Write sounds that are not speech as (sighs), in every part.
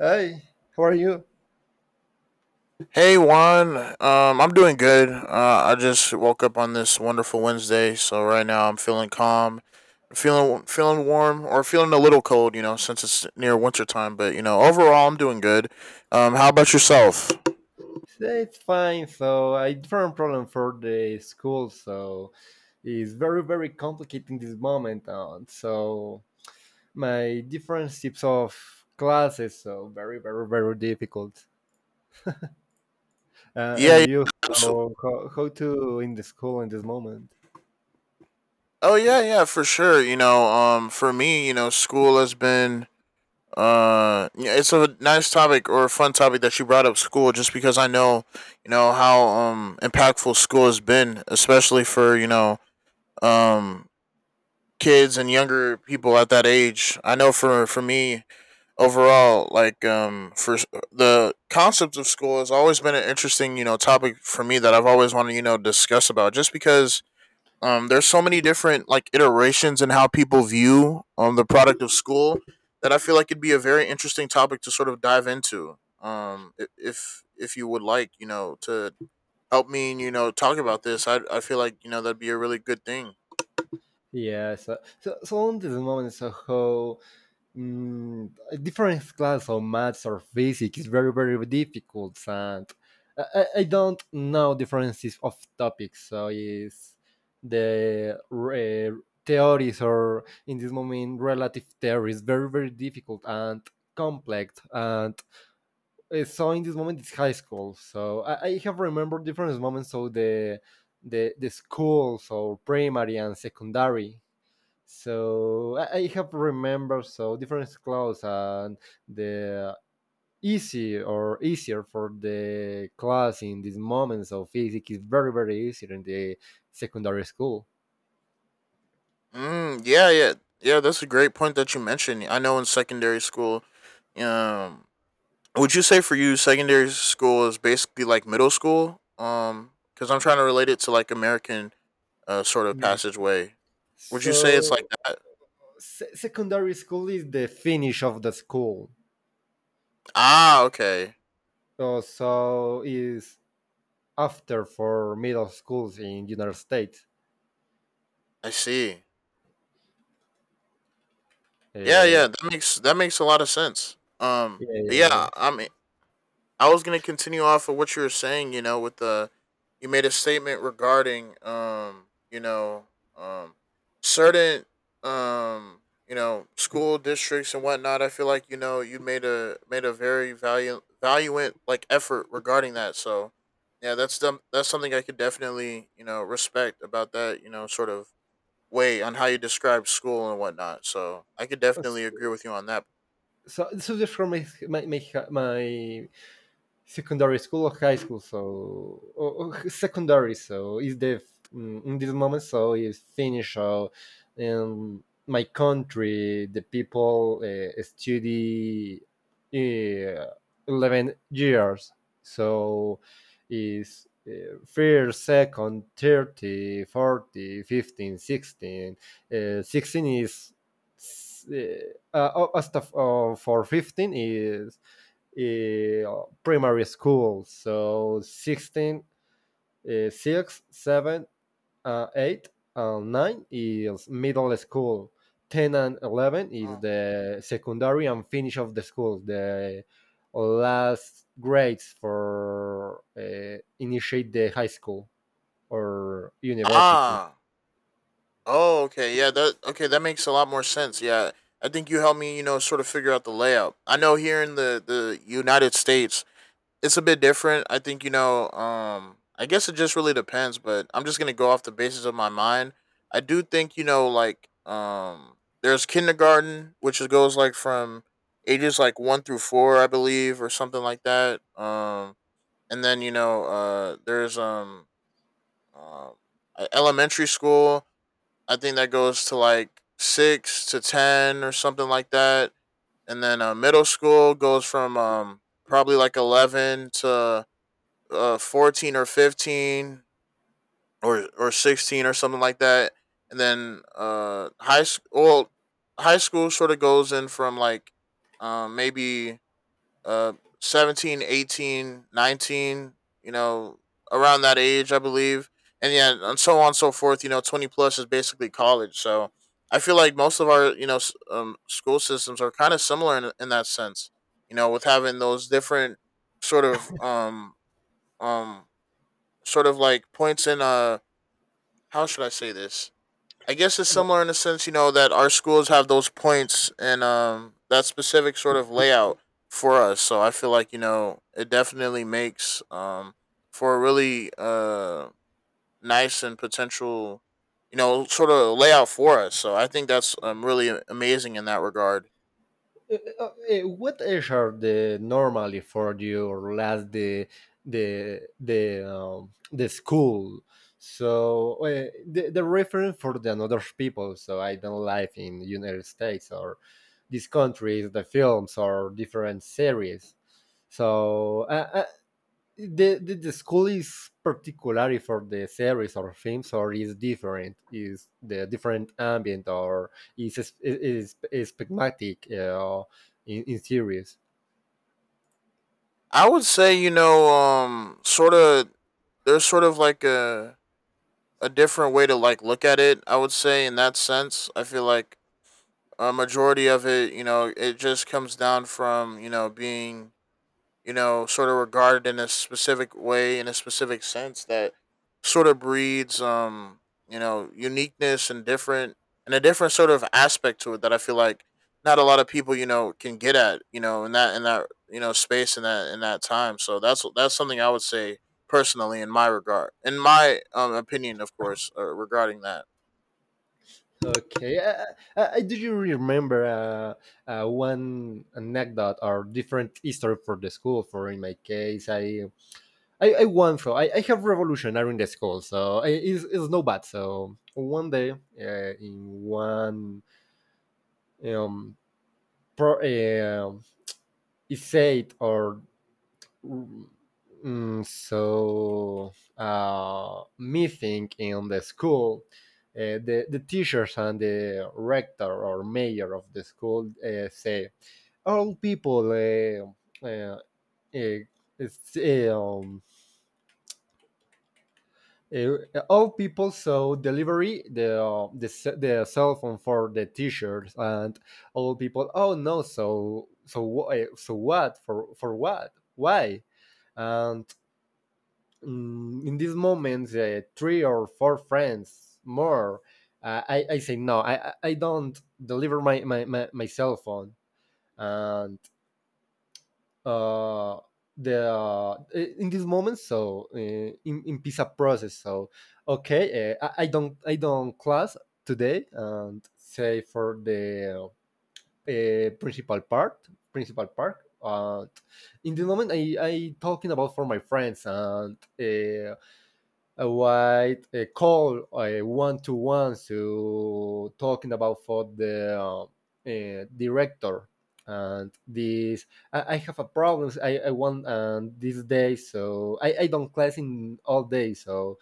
Hi, how are you? Hey Juan, I'm doing good. I just woke up on this wonderful Wednesday, so right now I'm feeling calm, feeling warm, or feeling a little cold, you know, since it's near winter time. But you know, overall, I'm doing good. How about yourself? Yeah, it's fine. So I different problem for the school, so it's very, very complicated in this moment. And so my different types of classes, so very, very, very difficult. Uh, Yeah, and yeah, you, abso- so how to in the school in this moment? oh yeah, yeah, for sure. You know, for me, you know, school has been yeah, it's a nice topic or a fun topic that you brought up school, just because I know, you know, how impactful school has been, especially for um kids and younger people at that age. I know for me overall, for the concept of school has always been an interesting you know topic for me that I've always wanted you know discuss about just because there's so many different like iterations in how people view the product of school that I feel like it'd be a very interesting topic to sort of dive into. If you would like, you know, to help me, you know, talk about this, I feel like you know that'd be a really good thing. Yeah. So in this moment, so how a different class of maths or physics is very, very difficult, and I don't know differences of topics, so is the theories, or in this moment relative theories very, very difficult and complex, and so in this moment it's high school, so I have remembered different moments, so the the schools or primary and secondary, so I have remembered so different clothes, and the easy or easier for the class in these moments of physics is very, very easier in the secondary school. Mm, yeah, yeah, yeah. That's a great point that you mentioned. I know in secondary school, um, would you say for you secondary school is basically like middle school? Because I'm trying to relate it to like American sort of Mm. passageway. Would you say it's like So that? Secondary school is the finish of the school. Ah, okay, So is after for middle schools in United States. I see. Yeah, Yeah, yeah, that makes a lot of sense. But yeah, yeah. yeah, I mean, I was gonna continue off of what you were saying. You know, with the you made a statement regarding you know um certain um you know school districts and whatnot. I feel like you know you made a very value valuant like effort regarding that. So yeah, that's them. That's something I could definitely you know respect about that. You know, sort of way on how you describe school and whatnot. So I could definitely agree with you on that. So this from my secondary school or high school, so or secondary. So is the in this moment, so is Finnish. So in my country, the people study uh, 11 years. So is first, second, 30, 40, 15, 16. 16 is for 15 is primary school. So 16, 6, 7, 8, and 9 is middle school. 10 and 11 is Oh. the secondary and finish of the school, the last grades for initiate the high school or university. Ah, oh, okay. Yeah, that okay, that makes a lot more sense. Yeah. I think you helped me, you know, sort of figure out the layout. I know here in the United States, it's a bit different. I think, you know, I guess it just really depends, but I'm just going to go off the basis of my mind. I do think, you know, there's kindergarten, goes like from ages like 1 through 4, I believe, or something like that. And then, you know, there's um elementary school I think that goes to like six to ten or something like that, and then middle school goes from probably like 11 to 14 or 15 or 16 or something like that, and then high school. Well, high school sort of goes in from like maybe uh 17, 18, 19, you know, around that age I believe, and yeah, and so on and so forth. You know, 20 plus is basically college, so I feel like most of our school systems are kind of similar in that sense, you know, with having those different sort of um um sort of like points in how should I say this. I guess it's similar in the sense, you know, that our schools have those points and that specific sort of layout for us. So I feel like, you know, it definitely makes for a really nice and potential, you know, sort of layout for us. So I think that's really amazing in that regard. What age are the normally for you or last the the school? So the reference for the another people. So I don't live in United States or these countries, the films or different series. So the school is particularly for the series or films, or is different, is the different ambient, or is pragmatic in series. I would say, you know, sort of, there's sort of like a different way to like look at it, I would say, in that sense. I feel like a majority of it, you know, it just comes down from, you know, being, you know, sort of regarded in a specific way, in a specific sense that sort of breeds, you know, uniqueness and different, and a different sort of aspect to it that I feel like not a lot of people, you know, can get at, you know, you know, space in that time. So that's something I would say personally in my regard, in my opinion, of course, regarding that. Okay, do you remember one anecdote or different history for the school? For in my case, I want, so I have revolutionary in the school so it's no bad. So one day in one um pro, uh, is said or meeting in the school, the teachers and the rector or mayor of the school say, all people, uh, it's, uh, um, all people saw delivery the cell phone for the teachers, and all people, "Oh no." So so what, for what, why? And in this moment, three or four friends more, I say no, I don't deliver my cell phone. And uh, the in this moment, so in pizza process. So okay, I don't class today, and say for the principal part, in the moment I talking about for my friends, and a white a call a one to one to talking about for the director. And this, I have a problem. I want, and this day, so I don't class in all day. So,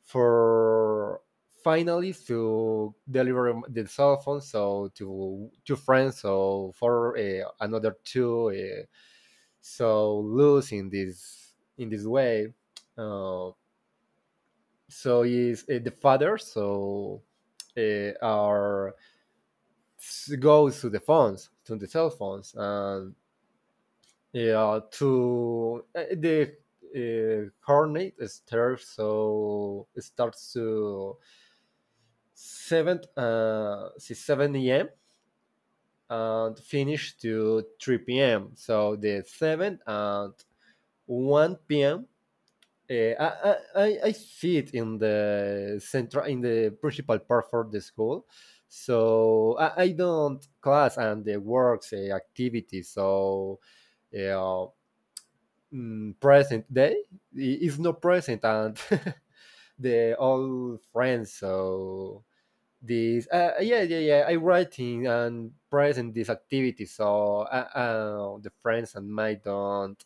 for finally to deliver the cell phone, so to two friends, so for another two, so losing this in this way. Uh, so is the father, so are goes to the phones, to the cell phones. And yeah, to the coordinate is third, so it starts to 7 a.m. and finish to 3 p.m., so the 7 and 1 p.m. I see it in the central, in the principal part for the school, so I don't class and the works, activities. So uh, present day is not present, and (laughs) the all friends. So this, yeah, yeah, yeah, I writing and present this activity. So the friends and my don't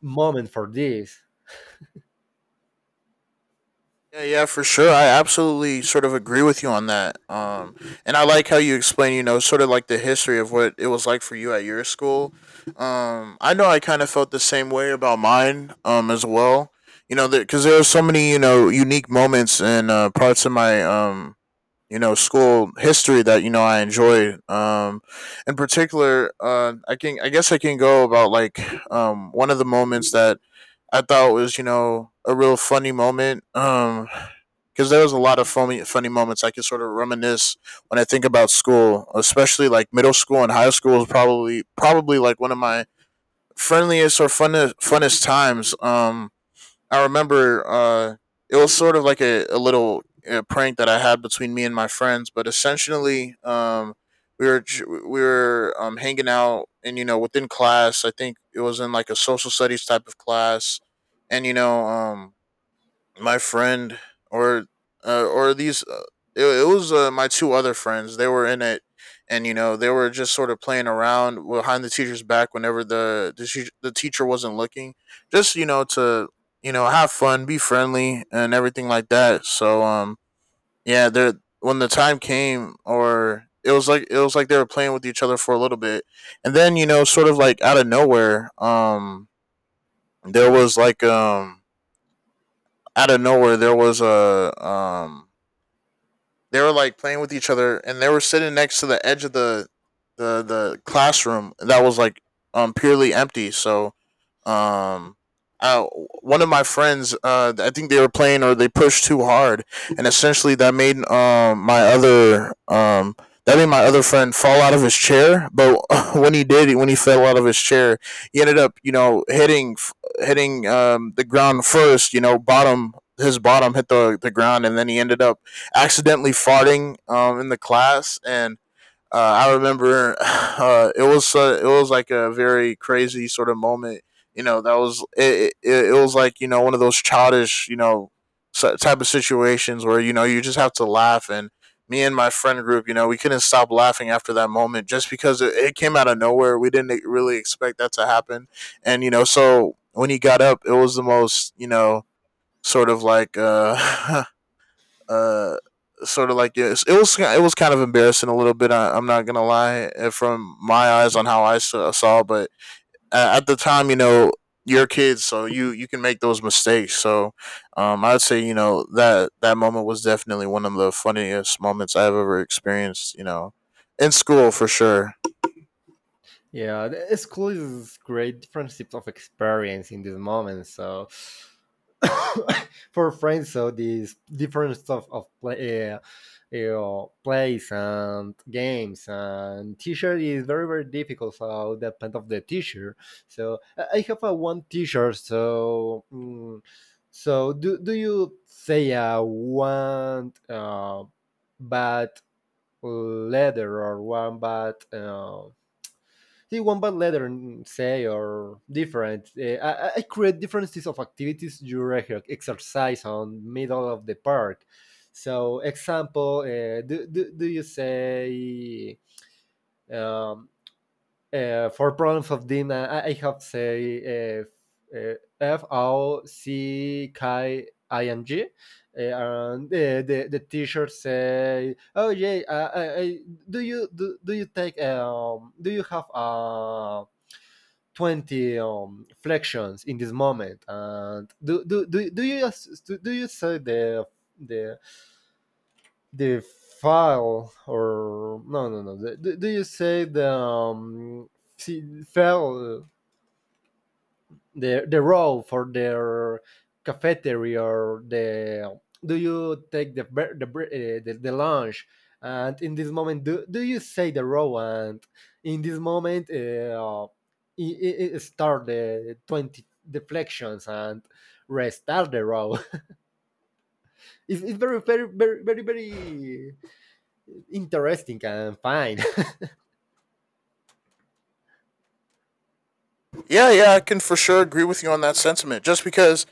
moment for this. Yeah, yeah, for sure. I absolutely sort of agree with you on that. And I like how you explain, you know, sort of like the history of what it was like for you at your school. I know I kind of felt the same way about mine, as well. You know, because there are so many, you know, unique moments and parts of my, you know, school history that you know I enjoyed. In particular, I can, I guess, I can go about like, one of the moments that I thought was, you know, a real funny moment. Because there was a lot of funny moments I can sort of reminisce when I think about school, especially like middle school and high school is probably like one of my friendliest or funnest times. I remember it was sort of like a little prank that I had between me and my friends, but essentially, we were hanging out and you know within class. I think it was in like a social studies type of class, and you know my friend or or these it, it was my two other friends they were in it, and you know they were just sort of playing around behind the teacher's back whenever the teacher wasn't looking just you know to you know have fun be friendly and everything like that, so yeah there when the time came, or it was like they were playing with each other for a little bit, and then you know sort of like out of nowhere there was like out of nowhere there was a they were like playing with each other and they were sitting next to the edge of the the classroom that was like purely empty, so um I, one of my friends I think they were playing or they pushed too hard and essentially that made my other that made my other friend fall out of his chair, but (laughs) when he did, when he fell out of his chair he ended up you know hitting the ground first, you know, bottom, his bottom hit the ground and then he ended up accidentally farting in the class, and uh, I remember (sighs) it was like a very crazy sort of moment. You know, that was it, it. It was like you know one of those childish you know type of situations where you know you just have to laugh. And me and my friend group, you know, we couldn't stop laughing after that moment just because it came out of nowhere. We didn't really expect that to happen. And, you know, so when he got up, it was the most, you know, sort of like (laughs) uh, sort of like it was kind of embarrassing a little bit. I'm not gonna lie from my eyes on how I saw, but at the time, you know, you're kids, so you can make those mistakes. So, I'd say you know that that moment was definitely one of the funniest moments I've ever experienced. You know, in school for sure. Yeah, school is great different types of experience in this moment. So (coughs) for friends, so these different stuff of play, plays and games and teacher is very, very difficult. So depend of the teacher. So I have a one teacher. So do you say one bad letter, or one bad, the one bad letter say, or different, I create differences of activities you exercise on middle of the park. So, example, do you say um, for problems of them, I, M? I have say FOCKING, and the teacher say, "Oh yeah, do you, do you take do you have 20 flexions in this moment, and do you say the the file? Or no, no, no, do you say the file, the row for their cafeteria? Or the, do you take the lunch? And in this moment, do you say the row?" And in this moment, it start the 20 deflections and restart the row. (laughs) It's very, very, very, very, very interesting and fine. (laughs) Yeah, yeah, I can for sure agree with you on that sentiment. Just because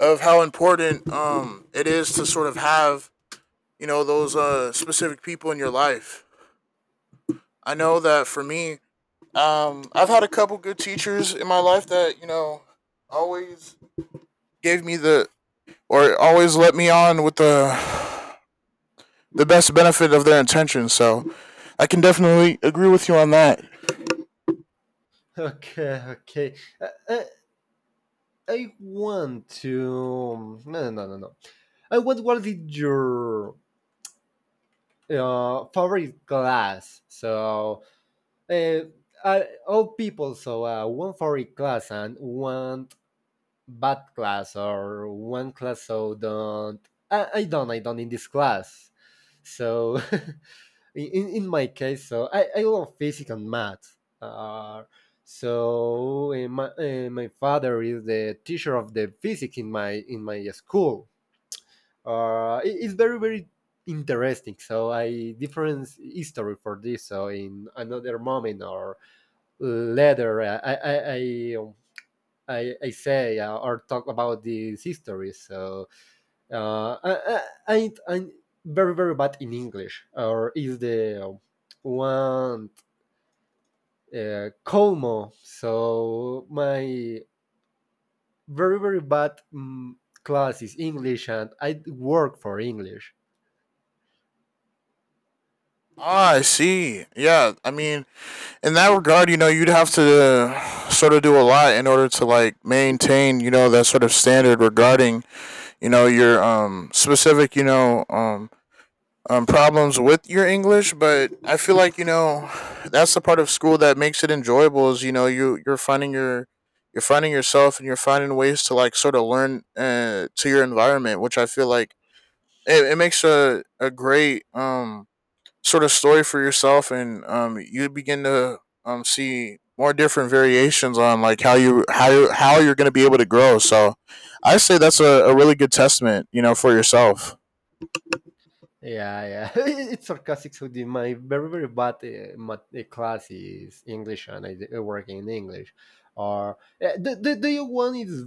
of how important it is to sort of have you know those specific people in your life. I know that for me, I've had a couple good teachers in my life that you know always gave me the, or always let me on with the best benefit of their intentions. So I can definitely agree with you on that. Okay, okay, uh, uh, I want to. No, no, no, no, no. I want, what is your favorite class? So, uh, uh, all people, so one favorite class, and one bad class or one class so don't. I don't in this class. So, (laughs) in my case, so I love physics and math. My father is the teacher of the physics in my school. It's very, very interesting. So I different history for this. So in another moment or later, I say, or talk about this history. So I'm very, very bad in English, or is the one Como. So my very, very bad class is English, and I work for English. Ah, I see. Yeah, I mean, in that regard, you know, you'd have to sort of do a lot in order to like maintain, you know, that sort of standard regarding, you know, your specific, you know, problems with your English, but I feel like you know that's the part of school that makes it enjoyable. Is you know you're finding your you're finding yourself and you're finding ways to like sort of learn to your environment, which I feel like it makes a great sort of story for yourself, and you begin to see more different variations on like how you're going to be able to grow. So I say that's a really good testament, you know, for yourself. Yeah, yeah, (laughs) it's sarcastic. So, my very, very bad math, class is English, and I work in English. Or the one is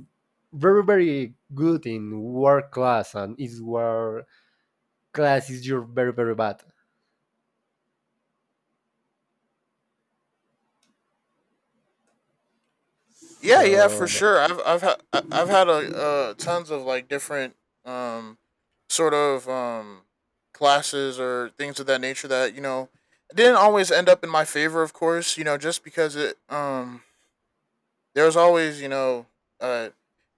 very, very good in work class, and is where class is your very, very bad. Yeah, yeah, for So, sure. I've had a tons of like different um sort of classes or things of that nature that you know didn't always end up in my favor, of course. You know, just because it there was always you know uh,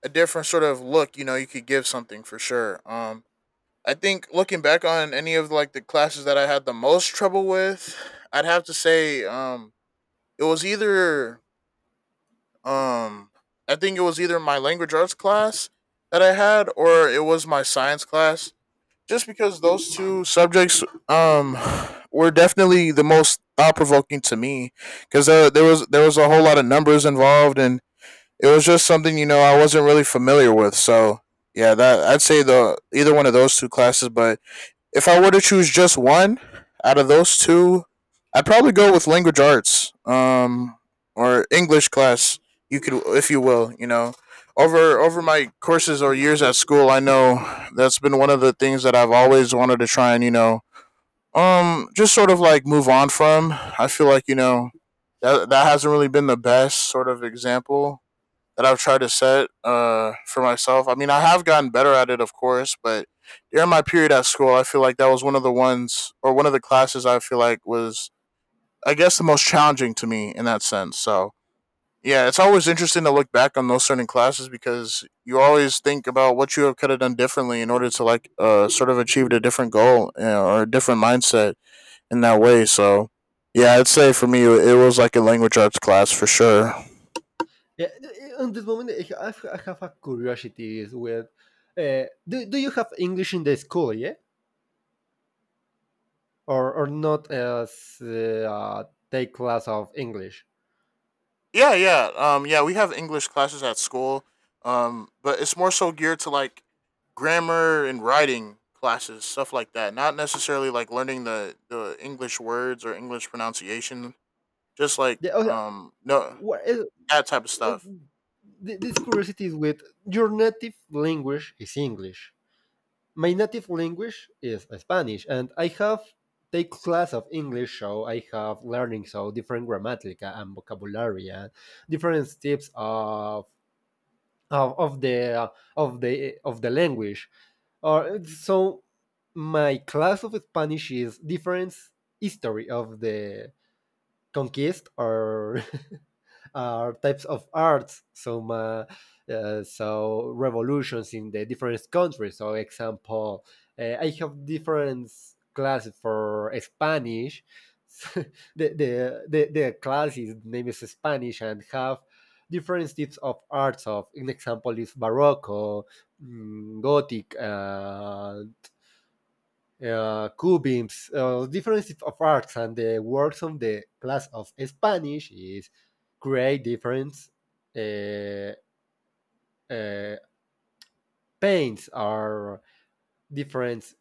a different sort of look you know you could give something for sure. I think looking back on any of like the classes that I had the most trouble with, I'd have to say it was either um, I think it was either my language arts class that I had or it was my science class. Just because those two subjects were definitely the most thought provoking to me because there, there was a whole lot of numbers involved and it was just something you know I wasn't really familiar with. So yeah, that I'd say the either one of those two classes, but if I were to choose just one out of those two, I'd probably go with language arts, or English class. You could, if you will, Over my courses or years at school, I know that's been one of the things that I've always wanted to try and you know, just sort of like move on from. I feel like you know that hasn't really been the best sort of example that I've tried to set for myself. I mean, I have gotten better at it, of course, but during my period at school, I feel like that was one of the ones or one of the classes I feel like was, I guess, the most challenging to me in that sense. So, yeah, it's always interesting to look back on those certain classes because you always think about what you could have done differently in order to like sort of achieve a different goal you know, or a different mindset in that way. So, yeah, I'd say for me, it was like a language arts class for sure. yeah, on this moment, I have a curiosity is with, do you have English in the school? Yeah, or not, as take class of English? Yeah, yeah. Yeah, we have English classes at school. But it's more so geared to like grammar and writing classes, stuff like that. Not necessarily like learning the English words or English pronunciation, just like Yeah, okay. No What is, that type of stuff. This curiosity is with your native language is English. My native language is Spanish, and I have take class of English, so I have learning so different grammatica and vocabulary, and different types of of the of the language, or so my class of Spanish is different history of the conquest, are (laughs) are types of arts, some so revolutions in the different countries. So, example, I have different classes for Spanish. (laughs) The class is name is Spanish, and have different types of arts. Of an example is barroco, gothic, cubisms. Difference of arts, and the works of the class of Spanish is create different uh, uh, paints or different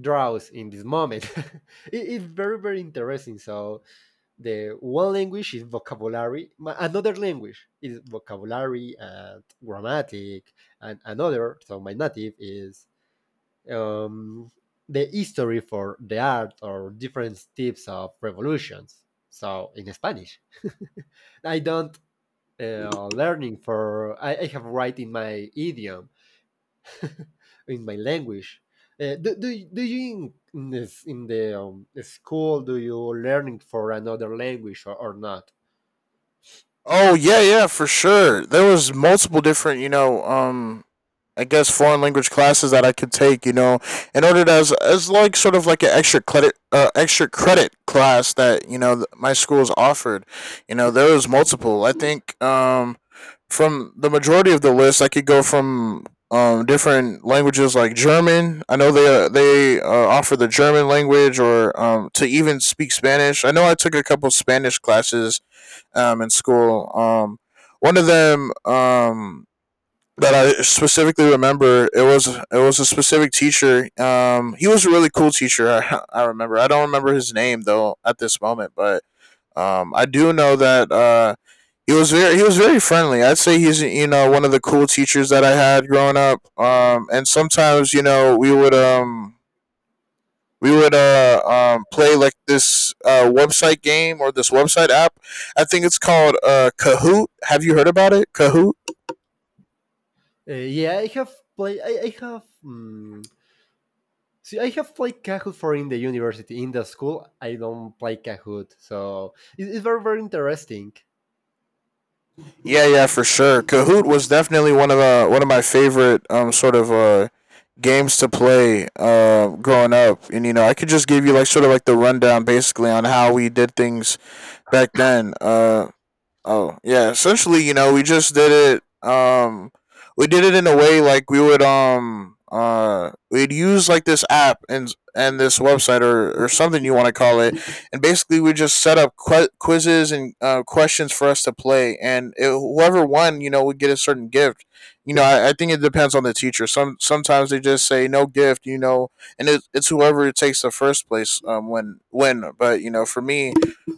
draws in this moment. (laughs) It's very, very interesting. So the one language is vocabulary, another language is vocabulary and grammatic, and another. So my native is um, the history for the art or different types of revolutions. So in Spanish, (laughs) I don't learning, for I have right in my idiom, (laughs) in my language. Do you in this in the school, do you learning for another language, or not? Oh yeah, yeah, for sure. There was multiple different, you know, I guess foreign language classes that I could take, you know, in order to as like sort of like an extra credit class that you know my school's offered. You know, there was multiple. I think from the majority of the list, I could go from different languages like German. I know they offer the German language, or to even speak Spanish. I know I took a couple Spanish classes in school. One of them that I specifically remember. It was a specific teacher. He was a really cool teacher. I, (laughs) I remember. I don't remember his name though at this moment, but I do know that he was very friendly. I'd say he's you know one of the cool teachers that I had growing up. And sometimes you know we would play like this website game or this website app. I think it's called Kahoot. Have you heard about it? Kahoot. Yeah, I have play. I have. See, I have played Kahoot for in the university, in the school. I don't play Kahoot, so it's very, very interesting. Yeah, yeah, for sure. Kahoot was definitely one of my favorite sort of games to play growing up, and you know I could just give you like sort of like the rundown basically on how we did things back then. Oh, yeah. Essentially, you know, we did it in a way like we would we'd use like this app and this website or something you want to call it and basically we just set up quizzes and questions for us to play and it, whoever won you know would get a certain gift you know I think it depends on the teacher sometimes they just say no gift you know and it, it's whoever takes the first place when win but you know for me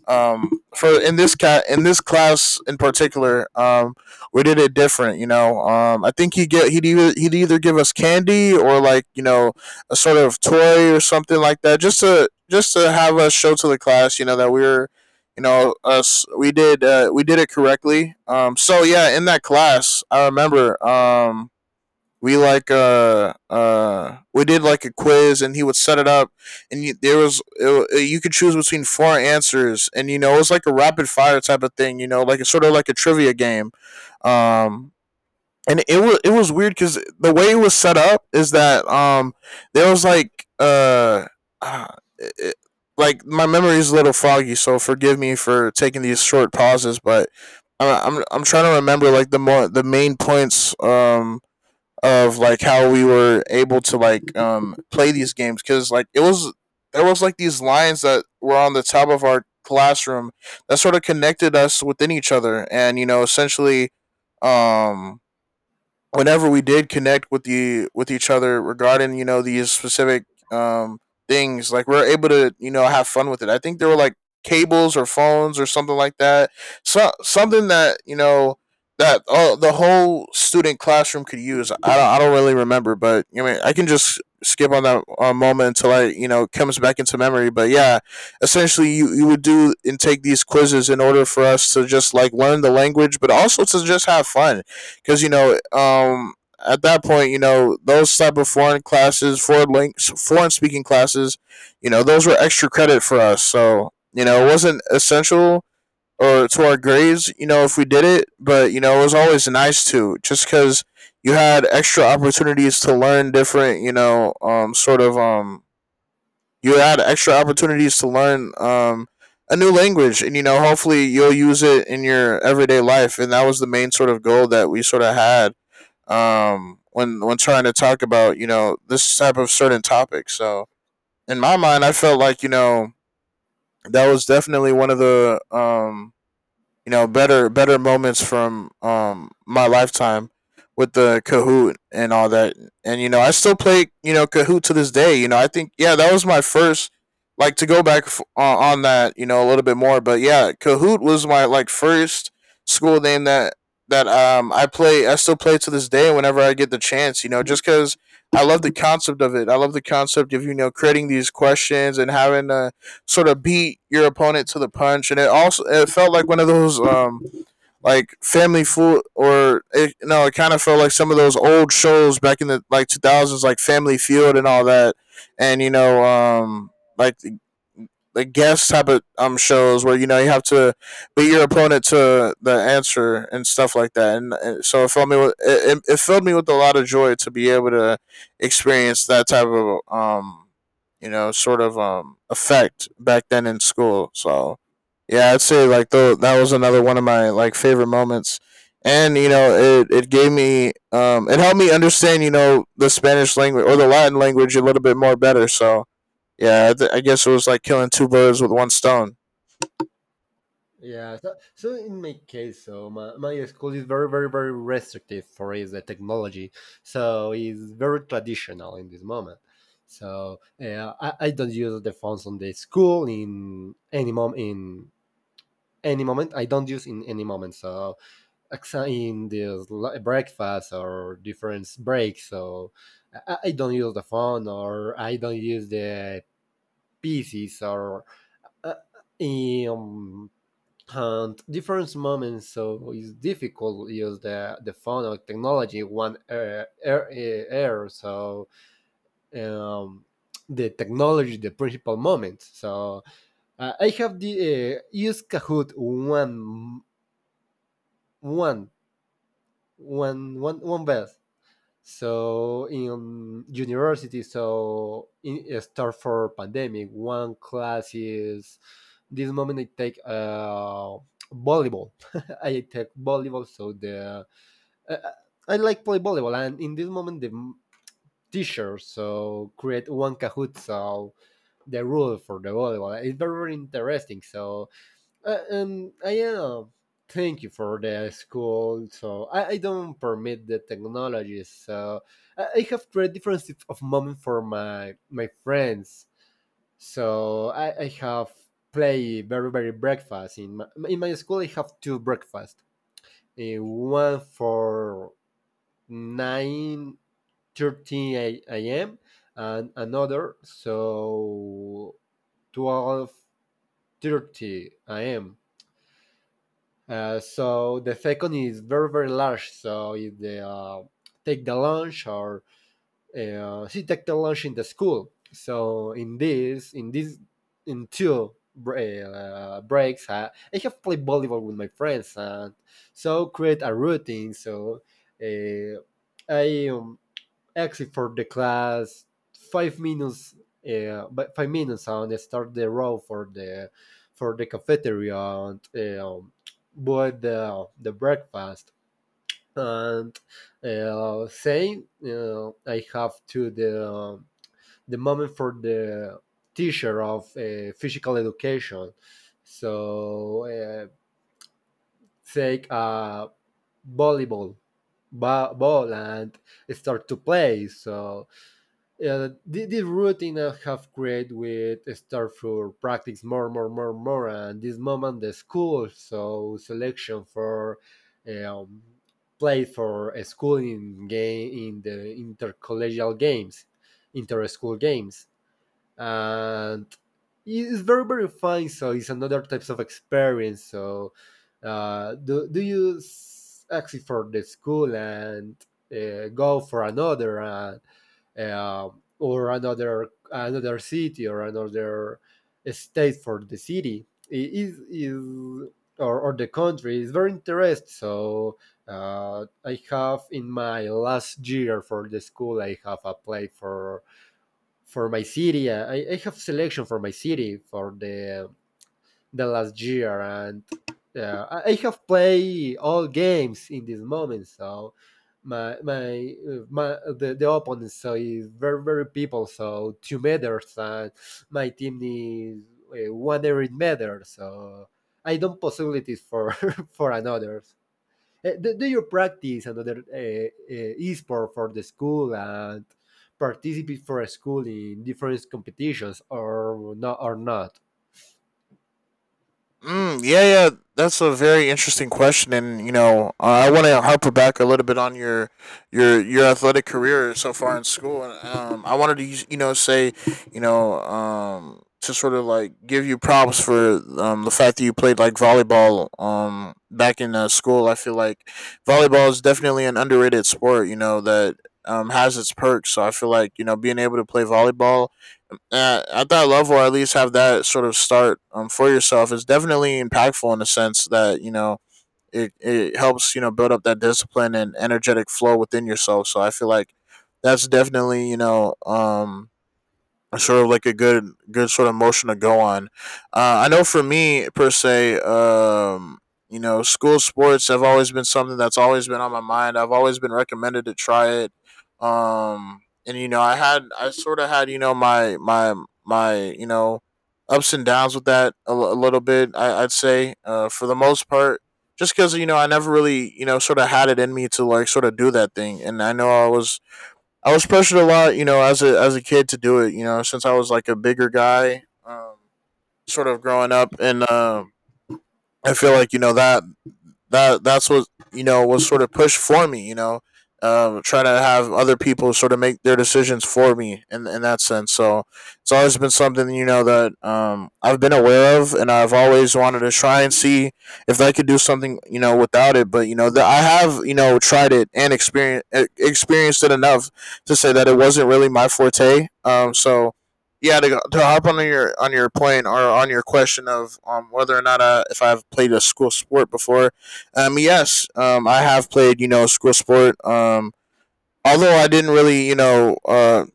for in this class in particular we did it different you know I think he'd either give us candy or like you know a sort of toy or something like that just to have us show to the class you know that we were you know us we did it correctly so yeah in that class I remember we like we did like a quiz and he would set it up and you, there was it, you could choose between four answers and you know it was like a rapid fire type of thing you know like it's sort of like a trivia game um and it was weird because the way it was set up is that there was like uh, it, like my memory is a little foggy so forgive me for taking these short pauses but I'm trying to remember like the more the main points of like how we were able to like play these games because like it was there was like these lines that were on the top of our classroom that sort of connected us within each other and you know essentially um whenever we did connect with the with each other regarding you know these specific um things like we are able to you know have fun with it I think there were like cables or phones or something like that so something that you know that the whole student classroom could use I don't really remember but I mean I can just skip on that moment until I you know comes back into memory but yeah essentially you would do and take these quizzes in order for us to just like learn the language but also to just have fun because you know at that point you know those type of foreign classes foreign links foreign speaking classes you know those were extra credit for us so you know it wasn't essential or to our grades you know if we did it but you know it was always nice to just because you had extra opportunities to learn different you know sort of you had extra opportunities to learn a new language and you know hopefully you'll use it in your everyday life and that was the main sort of goal that we sort of had when trying to talk about you know this type of certain topic. So in my mind, I felt like you know that was definitely one of the you know better moments from my lifetime with the Kahoot and all that. And you know, I still play you know Kahoot to this day. You know, I think yeah, that was my first like to go back on that you know a little bit more. But yeah, Kahoot was my like first school name that I play. I still play to this day whenever I get the chance. You know, just because I love the concept of it. I love the concept of you know creating these questions and having to sort of beat your opponent to the punch, and it also it felt like one of those like family food or it, no, it kind of felt like some of those old shows back in the like 2000s, like Family Feud and all that, and you know like the guest type of shows where you know you have to beat your opponent to the answer and stuff like that, and, and it filled me with filled me with a lot of joy to be able to experience that type of you know sort of effect back then in school. So yeah, I'd say like the that was another one of my like favorite moments. And you know, it gave me it helped me understand you know the Spanish language or the Latin language a little bit more better. So yeah, I guess it was like killing two birds with one stone. Yeah. So in my case, so my school is very, very, very restrictive for is the technology. So it's very traditional in this moment. So I don't use the phones on the school in any moment. I don't use in any moment. So in this breakfast or different breaks. So I don't use the phone, or I don't use the PCs, or uh, um, and different moments. So it's difficult to use the phone or technology. One error, so um, the technology, the principal moment. So I have the used Kahoot one one best. So in university, so in start for pandemic, one class is this moment I take volleyball. (laughs) I take volleyball, so the uh, uh, I like play volleyball, and in this moment the teacher so create one Kahoot, so the rule for the volleyball. It's very, very interesting. So I am. Thank you for the school. So I don't permit the technologies. So I have created different types of moment for my friends. So I have play very very breakfast in my school. I have two breakfast. One for 9:30 a.m. and another so 12:30 a.m. So the second is very very large. So if they take the lunch or she take the lunch in the school. So in two breaks, I have played volleyball with my friends and so create a routine. So uh, I exit for the class 5 minutes but 5 minutes and start the row for the cafeteria and um, bought the breakfast and say I have to the moment for the teacher of physical education so take a volleyball ball and start to play so yeah, this routine I have created with start for practice more, more, more, more, and this moment the school so selection for um, play for a school in game in the intercollegial games, inter-school games, and it's very very fine. So it's another types of experience. So do you exit for the school and go for another? Uh, or another city or another state for the city it is or the country is very interesting. So I have in my last year for the school, I have applied for my city. I have selection for my city for the last year, and I have played all games in this moment. So the opponent so is very very people. So 2 meters, and my team is one every meter. So I don't possibilities for (laughs) for another. Do you practice another sport for the school and participate for a school in different competitions or not or not? Mm, yeah, yeah, that's a very interesting question, and I want to harper back a little bit on your your athletic career so far in school, and I wanted to use- you know say you know to give you props for the fact that you played volleyball back in school. I feel like volleyball is definitely an underrated sport. You know that has its perks. So I feel like being able to play volleyball at that level, at least have that sort of start for yourself is definitely impactful in the sense that it helps build up that discipline and energetic flow within yourself. So I feel like that's definitely sort of like a good sort of motion to go on. I know for me per se, you know, school sports have always been something that's always been on my mind. I've always been recommended to try it. And you know, I sort of had my my you know ups and downs with that a little bit. I'd say for the most part. Just because you know, I never really sort of had it in me to sort of do that thing, and I was pressured a lot, you know, as a kid to do it. You know, since I was like a bigger guy, sort of growing up, and I feel like you know that's what you know was sort of pushed for me. You know, trying to have other people sort of make their decisions for me in that sense. So it's always been something you know that I've been aware of, and I've always wanted to try and see if I could do something you know without it. But you know that I have you know tried it and experienced it enough to say that it wasn't really my forte. So yeah, to hop on your point or on your question of whether or not if I've played a school sport before, yes, I have played, you know, school sport. Although I didn't really, you know,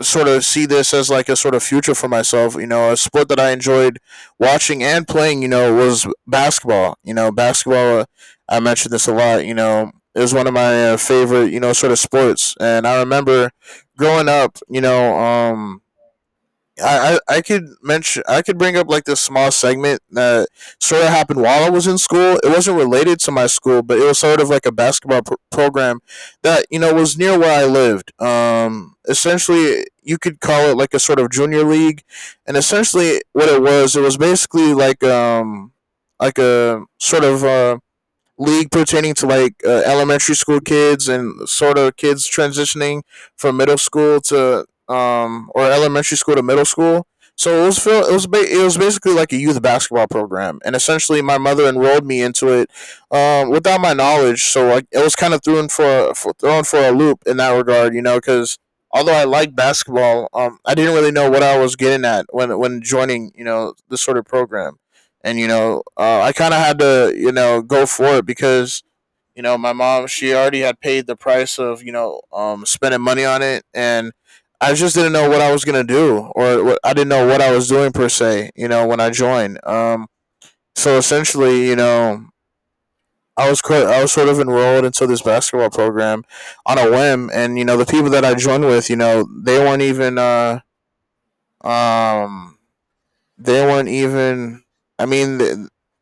sort of see this as like a sort of future for myself. You know, a sport that I enjoyed watching and playing, you know, was basketball. You know, basketball. I mentioned this a lot. You know, is one of my favorite, you know, sort of sports. And I remember growing up, you know, I could mention I could bring up like this small segment that sort of happened while I was in school. It wasn't related to my school, but it was sort of like a program that you know was near where I lived. Essentially, you could call it like a sort of junior league, and essentially what it was basically like like a sort of league pertaining to like elementary school kids and sort of kids transitioning from middle school to or elementary school to middle school. So it was it was basically like a youth basketball program, and essentially my mother enrolled me into it without my knowledge. So like it was kind of thrown for thrown for a loop in that regard, you know, because although I liked basketball, I didn't really know what I was getting at when joining you know this sort of program, and I kind of had to you know go for it because you know my mom she already had paid the price of spending money on it, and I just didn't know what I was going to do I didn't know what I was doing per se you know when I joined so essentially you know I was sort of enrolled into this basketball program on a whim, and you know the people that I joined with, you know, um, they weren't even. I mean, th-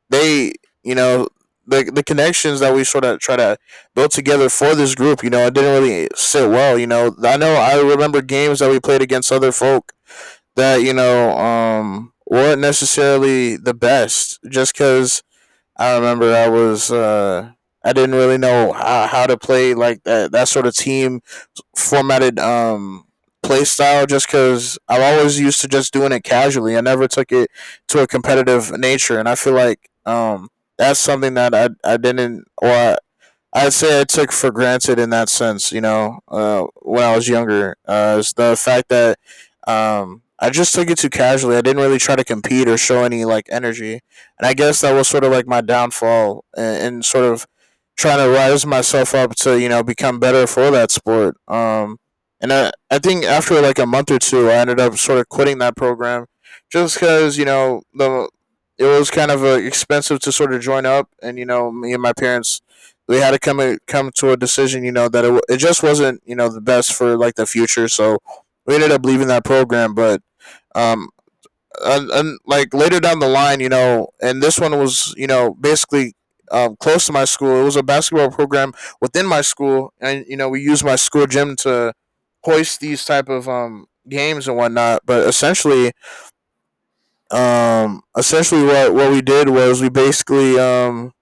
they you know the connections that we sort of try to build together for this group. You know, it didn't really sit well. You know, I remember games that we played against other folk that you know weren't necessarily the best, just because I remember I was. I didn't really know how to play like that sort of team formatted play style just because I'm always used to just doing it casually. I never took it to a competitive nature, and I feel like that's something that I didn't or I, I'd say I took for granted in that sense, you know, when I was younger, is the fact that I just took it too casually. I didn't really try to compete or show any like energy, and I guess that was sort of like my downfall in and sort of trying to rise myself up to you know become better for that sport. And I think after like a month or two, I ended up sort of quitting that program just because you know the it was kind of expensive to sort of join up, and you know me and my parents we had to come to a decision. You know that it just wasn't you know the best for like the future. So we ended up leaving that program, but um and like later down the line, you know, and this one was you know basically. Close to my school, it was a basketball program within my school, and you know we used my school gym to hoist these type of games and whatnot. But essentially, essentially what we did was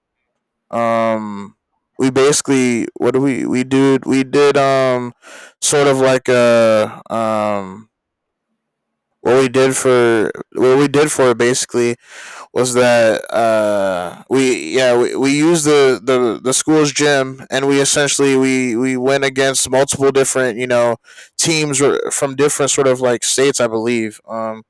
um we basically what do we did sort of like a what we did for what we did for it basically was that we yeah we used the school's gym, and we essentially we went against multiple different you know teams from different sort of like states I believe um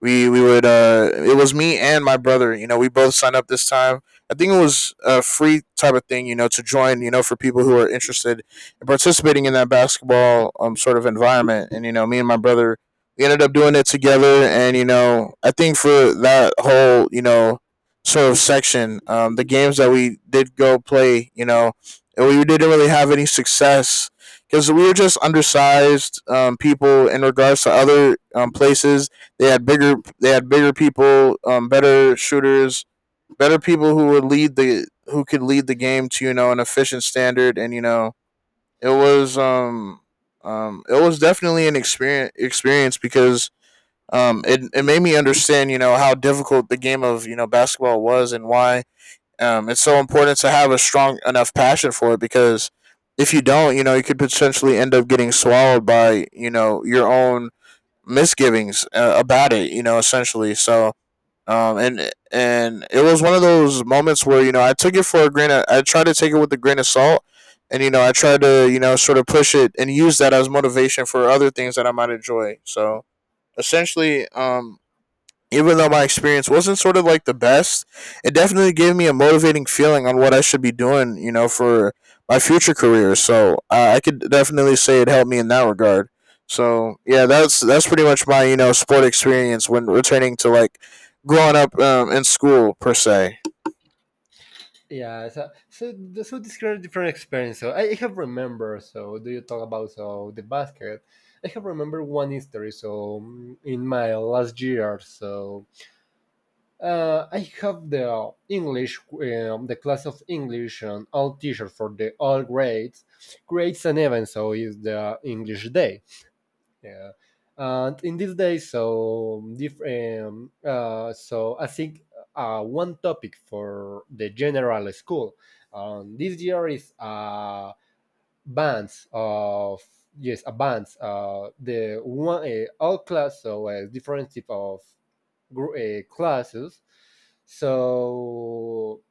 we we would it was me and my brother you know we both signed up this time. I think it was a free type of thing you know to join you know for people who are interested in participating in that basketball sort of environment, and you know me and my brother we ended up doing it together, and you know I think for that whole you know sort of section the games that we did go play you know, and we didn't really have any success because we were just undersized people in regards to other places. They had bigger. They had bigger people, better shooters, better people who could lead the game to you know an efficient standard, and you know it was um it was definitely an experience because it it made me understand you know how difficult the game of you know basketball was, and why it's so important to have a strong enough passion for it, because if you don't you know you could potentially end up getting swallowed by you know your own misgivings about it, you know, essentially. So, and it was one of those moments where you know I tried to take it with a grain of salt, and you know I tried to you know sort of push it and use that as motivation for other things that I might enjoy. So essentially, even though my experience wasn't sort of like the best, it definitely gave me a motivating feeling on what I should be doing, you know, for my future career. So I could definitely say it helped me in that regard. So yeah, that's pretty much my you know sport experience when returning to like growing up in school per se. Yeah, so this kind of different experience. So I have remember. So do you talk about so the basket? I have remember one history. So in my last year, so I have the English, the class of English and all teacher for the all grades creates an event. So is the English Day. Yeah, and in these days, so different. So I think one topic for the general school this year is bands of yes, a bands. The one all class, so different type of classes. So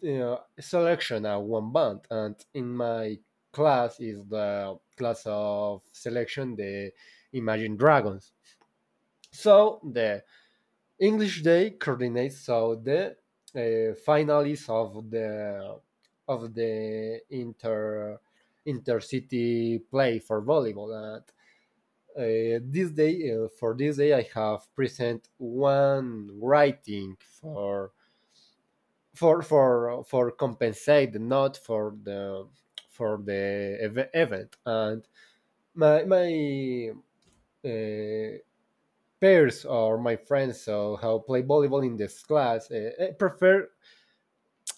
you selection are one band, and in my class is the class of selection, the Imagine Dragons. So the English Day coordinates so the finalists of the intercity play for volleyball. And this day, for this day, I have present one writing for compensate the not for the event and my uh, peers or my friends so how play volleyball in this class prefer.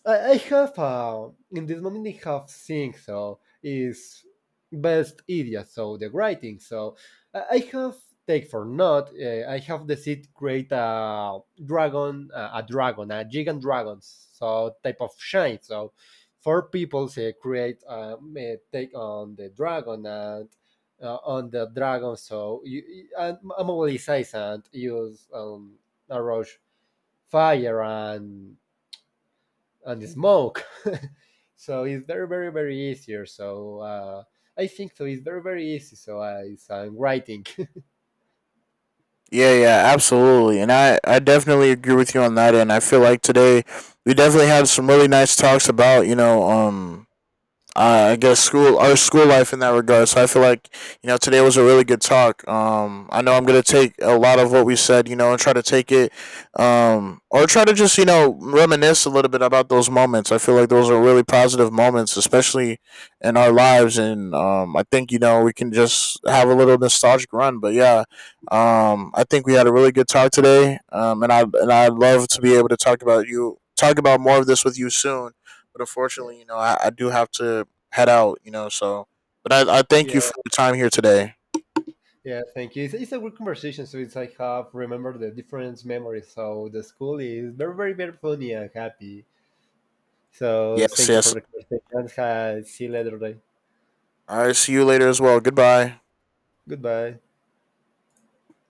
I have In this moment I have thing so is best idiot so the writing so I have take for not I have the seed create a dragon a gigant dragon so type of shine so four people say create may take on the dragon and on the dragon so and mobilize and use a rush fire and smoke. (laughs) So it's very very very easier. So I think so it's very very easy. So I'm writing. Yeah, yeah, absolutely, and I definitely agree with you on that. End. I feel like today we definitely had some really nice talks about I guess school our school life in that regard. So I feel like you know today was a really good talk. I know I'm gonna take a lot of what we said, you know, and try to take it, or try to just you know reminisce a little bit about those moments. I feel like those are really positive moments, especially in our lives, and I think you know we can just have a little nostalgic run. But yeah, I think we had a really good talk today, and I'd love to be able to talk about more of this with you soon. But (laughs) Yeah. unfortunately, you know, I do have to head out, you know. So, but I thank you Yeah, for your time here today. yeah. Thank you. It's a good conversation. So it's like have remember the different memories. So the school is very very very funny and happy. So Yes, thank you for yes. the conversation. See you later. Bye. All right. See you later as well. Goodbye. Goodbye.